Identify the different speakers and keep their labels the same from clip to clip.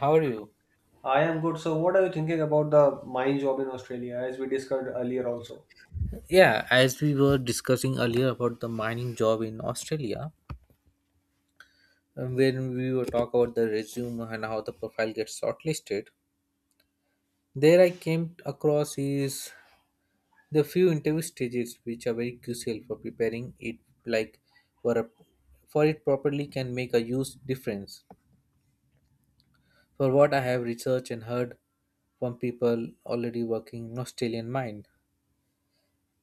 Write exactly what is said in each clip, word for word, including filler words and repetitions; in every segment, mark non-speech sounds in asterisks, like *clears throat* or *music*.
Speaker 1: How are you?
Speaker 2: I am good. So, what are you thinking about the mine job in Australia, as we discussed earlier also?
Speaker 1: Yeah, as we were discussing earlier about the mining job in Australia, um, when we were talk about the resume and how the profile gets shortlisted, there I came across is the few interview stages which are very crucial for preparing it like for a, for it properly can make a huge difference. For what I have researched and heard from people already working in Australian mine.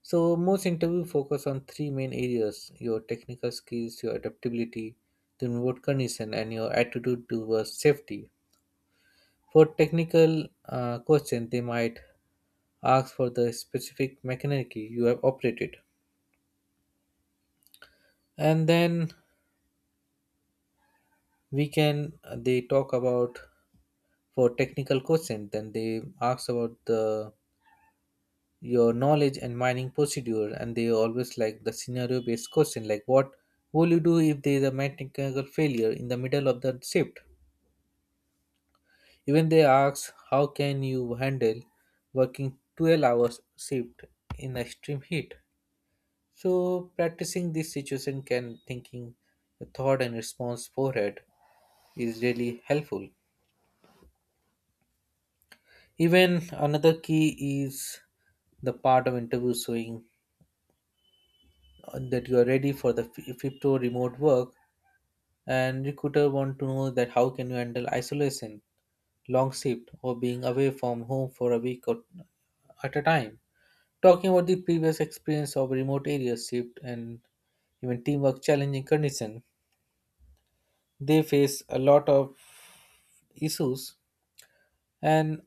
Speaker 1: So most interview focus on three main areas: your technical skills, your adaptability to remote condition, and your attitude towards safety. For technical uh, question, they might ask for the specific mechanic you have operated, and then we can they talk about for technical question. Then they ask about the your knowledge and mining procedure, and they always like the scenario based question like what will you do if there is a mechanical failure in the middle of the shift. Even they ask how can you handle working twelve hours shift in extreme heat, so practicing this situation can thinking the thought and response forehead is really helpful. Even another key is the part of interview showing uh, that you are ready for the f- crypto remote work, and recruiter want to know that how can you handle isolation, long shift, or being away from home for a week or at a time. Talking about the previous experience of remote area shift and even teamwork challenging condition, they face a lot of issues. And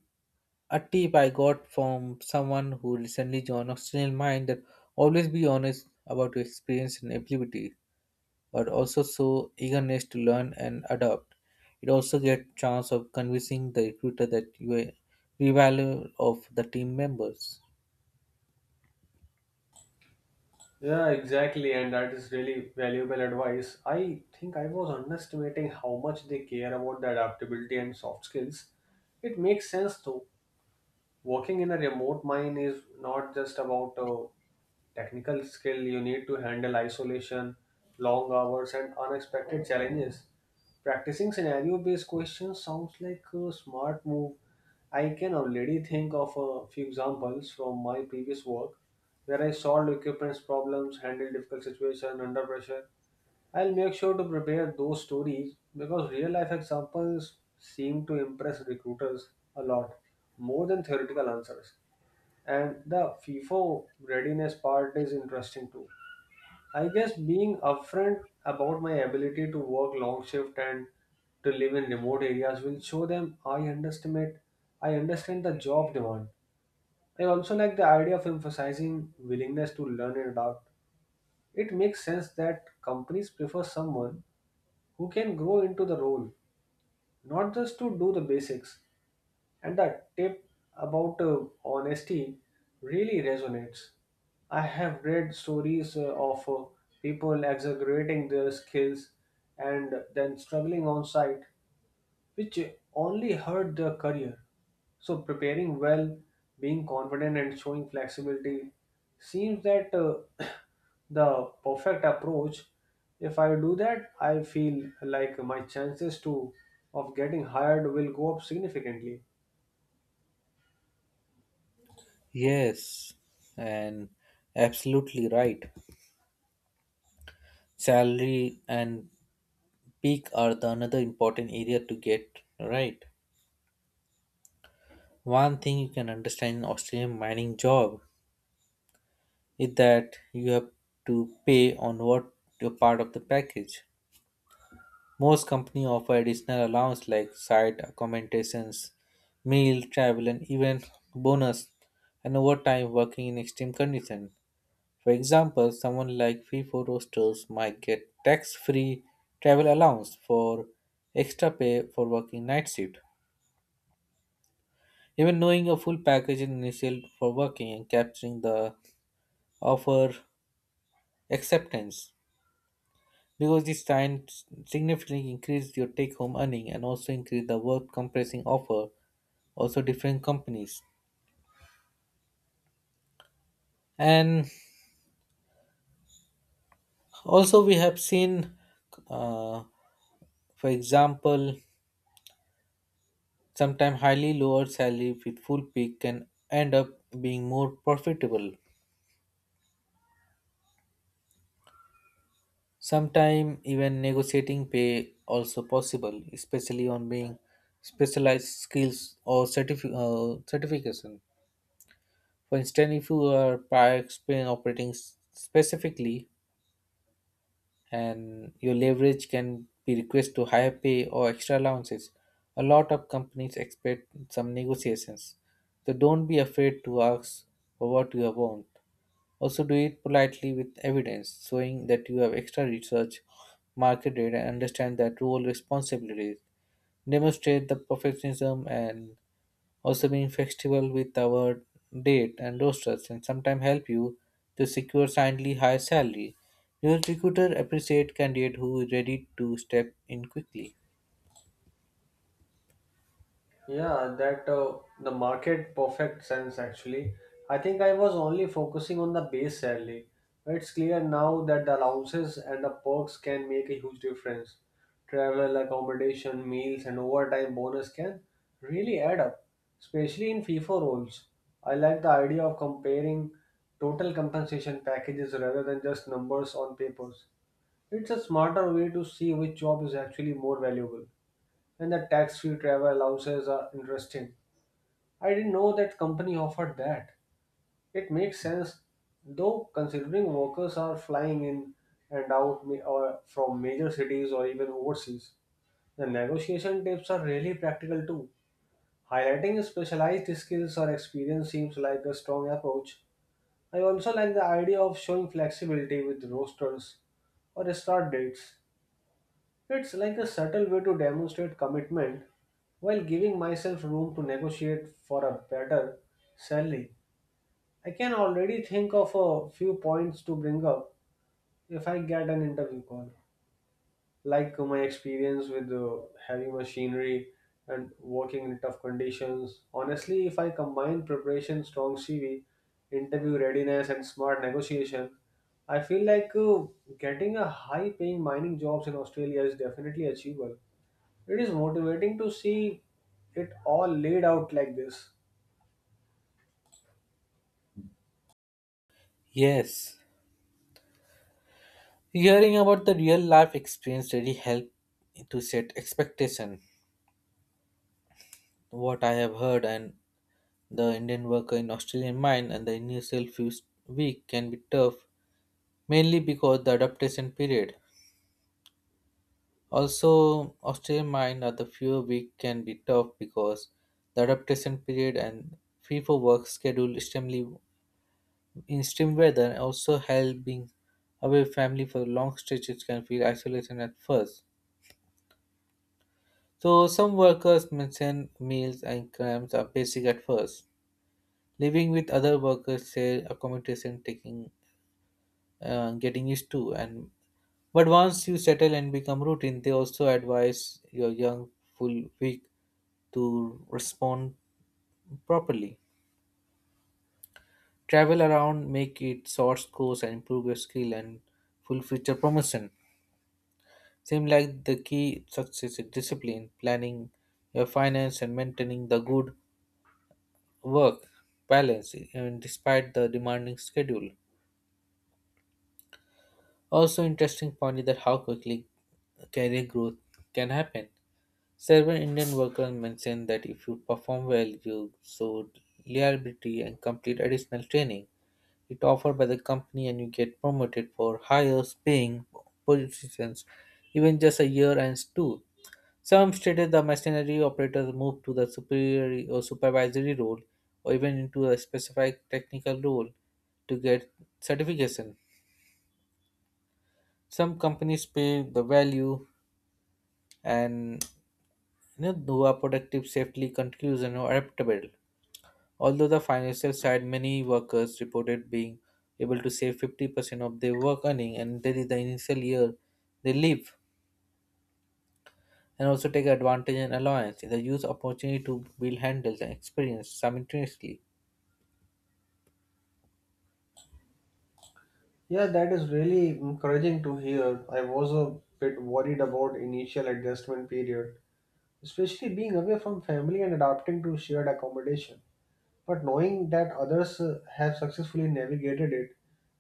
Speaker 1: a tip I got from someone who recently joined Australian Mind that always be honest about your experience and ability, but also show eagerness to learn and adapt. It also get chance of convincing the recruiter that you are the of the team members.
Speaker 2: Yeah, exactly, and that is really valuable advice. I think I was underestimating how much they care about the adaptability and soft skills. It makes sense though. Working in a remote mine is not just about uh, technical skill. You need to handle isolation, long hours, and unexpected challenges. Practicing scenario based questions sounds like a smart move. I can already think of a few examples from my previous work where I solved equipment's problems, handled difficult situations under pressure. I'll make sure to prepare those stories because real life examples seem to impress recruiters a lot more than theoretical answers. And the F I F O readiness part is interesting too. I guess being upfront about my ability to work long shift and to live in remote areas will show them I underestimate I understand the job demand. I also like the idea of emphasizing willingness to learn and adapt. It makes sense that companies prefer someone who can grow into the role, not just to do the basics. And that tip about uh, honesty really resonates. I have read stories uh, of uh, people exaggerating their skills and then struggling on site, which only hurt their career. So, preparing well, being confident, and showing flexibility seems that uh, *coughs* *clears throat* the perfect approach. If I do that, I feel like my chances to of getting hired will go up significantly.
Speaker 1: Yes, and absolutely right. Salary and peak are the another important area to get right. One thing you can understand in Australian mining job is that you have to pay on what your part of the package. Most companies offer additional allowance like site accommodations, meal, travel, and even bonus and overtime working in extreme conditions. For example, someone like FIFO roasters might get tax-free travel allowance for extra pay for working night shift. Even knowing a full package in initial for working and capturing the offer acceptance because this time significantly increased your take home earning and also increase the work compressing offer also different companies and also we have seen uh, for example sometimes highly lower salary with full pay can end up being more profitable. Sometimes even negotiating pay also possible, especially on being specialized skills or certifi- uh, certification. For instance, if you are prior experience operating s- specifically, and your leverage can be request to higher pay or extra allowances, a lot of companies expect some negotiations. So don't be afraid to ask for what you want. Also, do it politely with evidence, showing that you have extra research, market data, and understand that role responsibilities. Demonstrate the perfectionism and also being flexible with our date and rosters and sometimes help you to secure slightly higher salary. Your recruiter appreciate candidate who is ready to step in quickly.
Speaker 2: Yeah, that uh, the market perfect sense actually. I think I was only focusing on the base salary. It's clear now that the allowances and the perks can make a huge difference. Travel, accommodation, meals, and overtime bonus can really add up, especially in FIFA roles. I like the idea of comparing total compensation packages rather than just numbers on papers. It's a smarter way to see which job is actually more valuable, and the tax-free travel allowances are interesting. I didn't know that company offered that. It makes sense, though, considering workers are flying in and out ma- or from major cities or even overseas. The negotiation tips are really practical too. Highlighting specialized skills or experience seems like a strong approach. I also like the idea of showing flexibility with rosters or start dates. It's like a subtle way to demonstrate commitment while giving myself room to negotiate for a better salary. I can already think of a few points to bring up if I get an interview call, like my experience with uh, heavy machinery and working in tough conditions. Honestly, if I combine preparation, strong C V, interview readiness, and smart negotiation, I feel like uh, getting a high paying mining jobs in Australia is definitely achievable. It is motivating to see it all laid out like this.
Speaker 1: Yes. Hearing about the real life experience really help to set expectation. What I have heard and the Indian worker in Australian mine and the initial few week can be tough, mainly because the adaptation period. Also, Australian mine are the few week can be tough because the adaptation period and free for work schedule extremely in extreme weather and also help being away family for long stretches can feel isolation at first. So some workers mention meals and cramps are basic at first. Living with other workers share accommodation taking uh, getting used to, and but once you settle and become routine they also advise your young full week to respond properly. Travel around, make it source course, and improve your skill and full future promotion. Seem like the key success is discipline, planning your finance, and maintaining the good work balance even despite the demanding schedule. Also, interesting point is that how quickly career growth can happen. Several Indian workers mentioned that if you perform well, you show reliability and complete additional training it offered by the company and you get promoted for higher paying positions even just a year and two. Some stated the machinery operators moved to the superior or supervisory role or even into a specific technical role to get certification. Some companies pay the value and, you know, who are productive, safely, conclusion or adaptable. Although the financial side, many workers reported being able to save fifty percent of their work earning, and that is the initial year they live and also take advantage and allowance. They use opportunity to build handles and experience simultaneously.
Speaker 2: Yeah, that is really encouraging to hear. I was a bit worried about initial adjustment period, especially being away from family and adapting to shared accommodation. But knowing that others uh, have successfully navigated it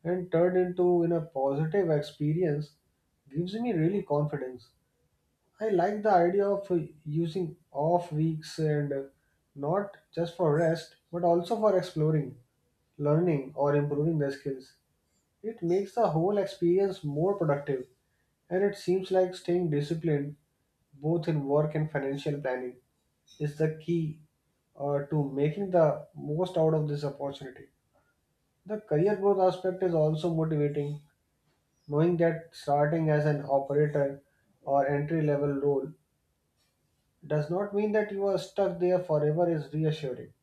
Speaker 2: and turned into in a positive experience gives me really confidence. I like the idea of uh, using off weeks and uh, not just for rest, but also for exploring, learning, or improving their skills. It makes the whole experience more productive, and it seems like staying disciplined both in work and financial planning is the key uh, to making the most out of this opportunity. The career growth aspect is also motivating, knowing that starting as an operator or entry level role does not mean that you are stuck there forever is reassuring.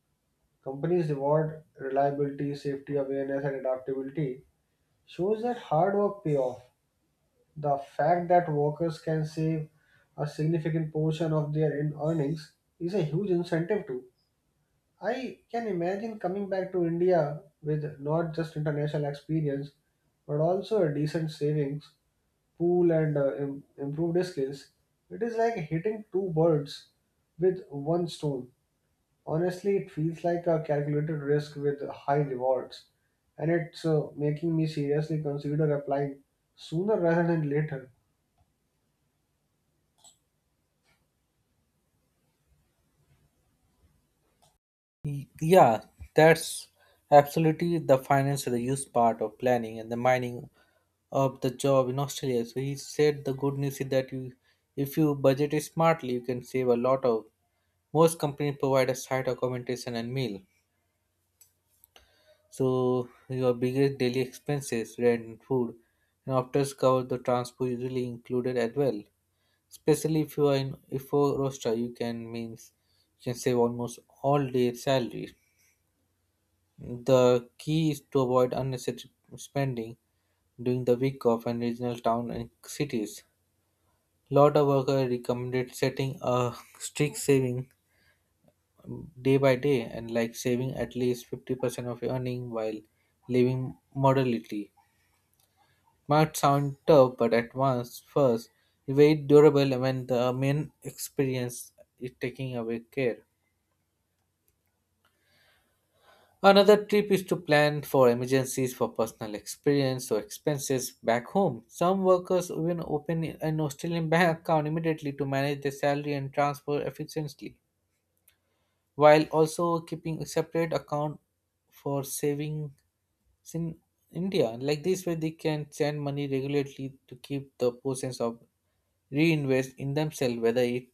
Speaker 2: Companies reward reliability, safety awareness, and adaptability shows that hard work pay off. The fact that workers can save a significant portion of their in- earnings is a huge incentive too. I can imagine coming back to India with not just international experience but also a decent savings pool and uh, im- improved skills. It is like hitting two birds with one stone. Honestly, it feels like a calculated risk with high rewards, and it's uh, making me seriously consider applying sooner rather than later.
Speaker 1: Y- Yeah, that's absolutely the finance is the used part of planning and the mining of the job in Australia. So he said the good news is that you, if you budget it smartly, you can save a lot of. Most companies provide a site accommodation and meal. So your biggest daily expenses, rent and food, and after cover the transport usually included as well. Especially if you are in if for roster, you can means you can save almost all day salary. The key is to avoid unnecessary spending during the week off and regional town and cities. Lot of worker recommended setting a strict saving um, day by day and like saving at least fifty percent of your earning while living moderately. Might sound tough, but at once first, very durable when the main experience is taking away care. Another tip is to plan for emergencies for personal experience or expenses back home. Some workers even open an Australian bank account immediately to manage their salary and transfer efficiently, while also keeping a separate account for savings in India. Like this way, they can send money regularly to keep the process of reinvest in themselves, whether it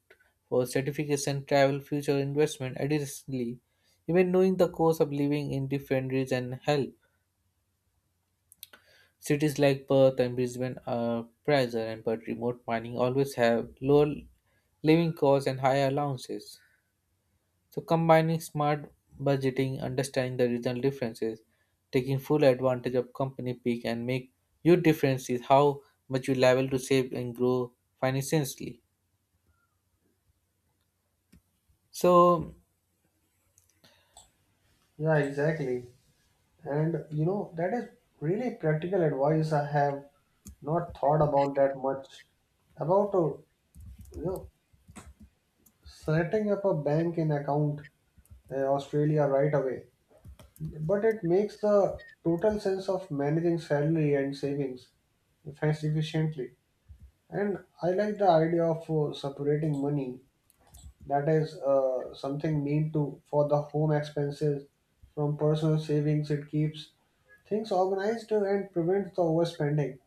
Speaker 1: for certification, travel, future investment. Additionally, even knowing the cost of living in different regions help. Cities like Perth and Brisbane are pricier, and but remote mining always have lower living costs and higher allowances. So combining smart budgeting, understanding the regional differences, taking full advantage of company peak and make your difference is how much you are liable to save and grow financially. So
Speaker 2: Yeah, exactly. And you know, that is really practical advice I have not thought about that much. About uh, you know setting up a bank in account in Australia right away, but it makes the total sense of managing salary and savings efficiently. And I like the idea of uh, separating money that is uh, something need to for the home expenses from personal savings. It keeps things organized and prevents the overspending.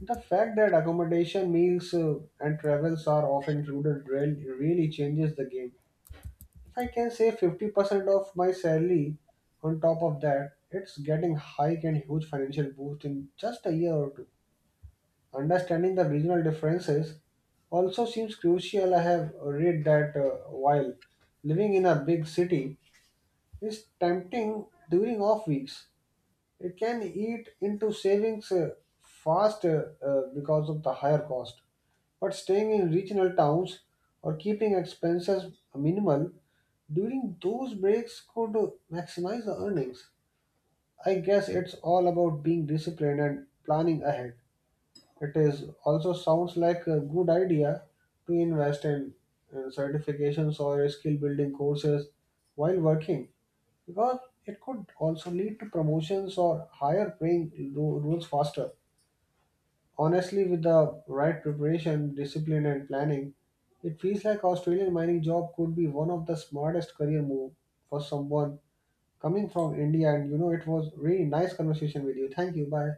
Speaker 2: The fact that accommodation, meals, uh, and travels are often included really, really changes the game. If I can save fifty percent of my salary on top of that, it's getting hike and huge financial boost in just a year or two. Understanding the regional differences also seems crucial. I have read that uh, while living in a big city is tempting during off weeks, it can eat into savings uh, fast uh, uh, because of the higher cost. But staying in regional towns or keeping expenses minimal during those breaks could uh, maximize the earnings. I guess it's all about being disciplined and planning ahead. It is also sounds like a good idea to invest in uh, certifications or skill building courses while working because it could also lead to promotions or higher paying ro- roles faster. Honestly, with the right preparation, discipline, and planning, it feels like Australian mining job could be one of the smartest career move for someone coming from India. And you know, it was really nice conversation with you. Thank you. Bye.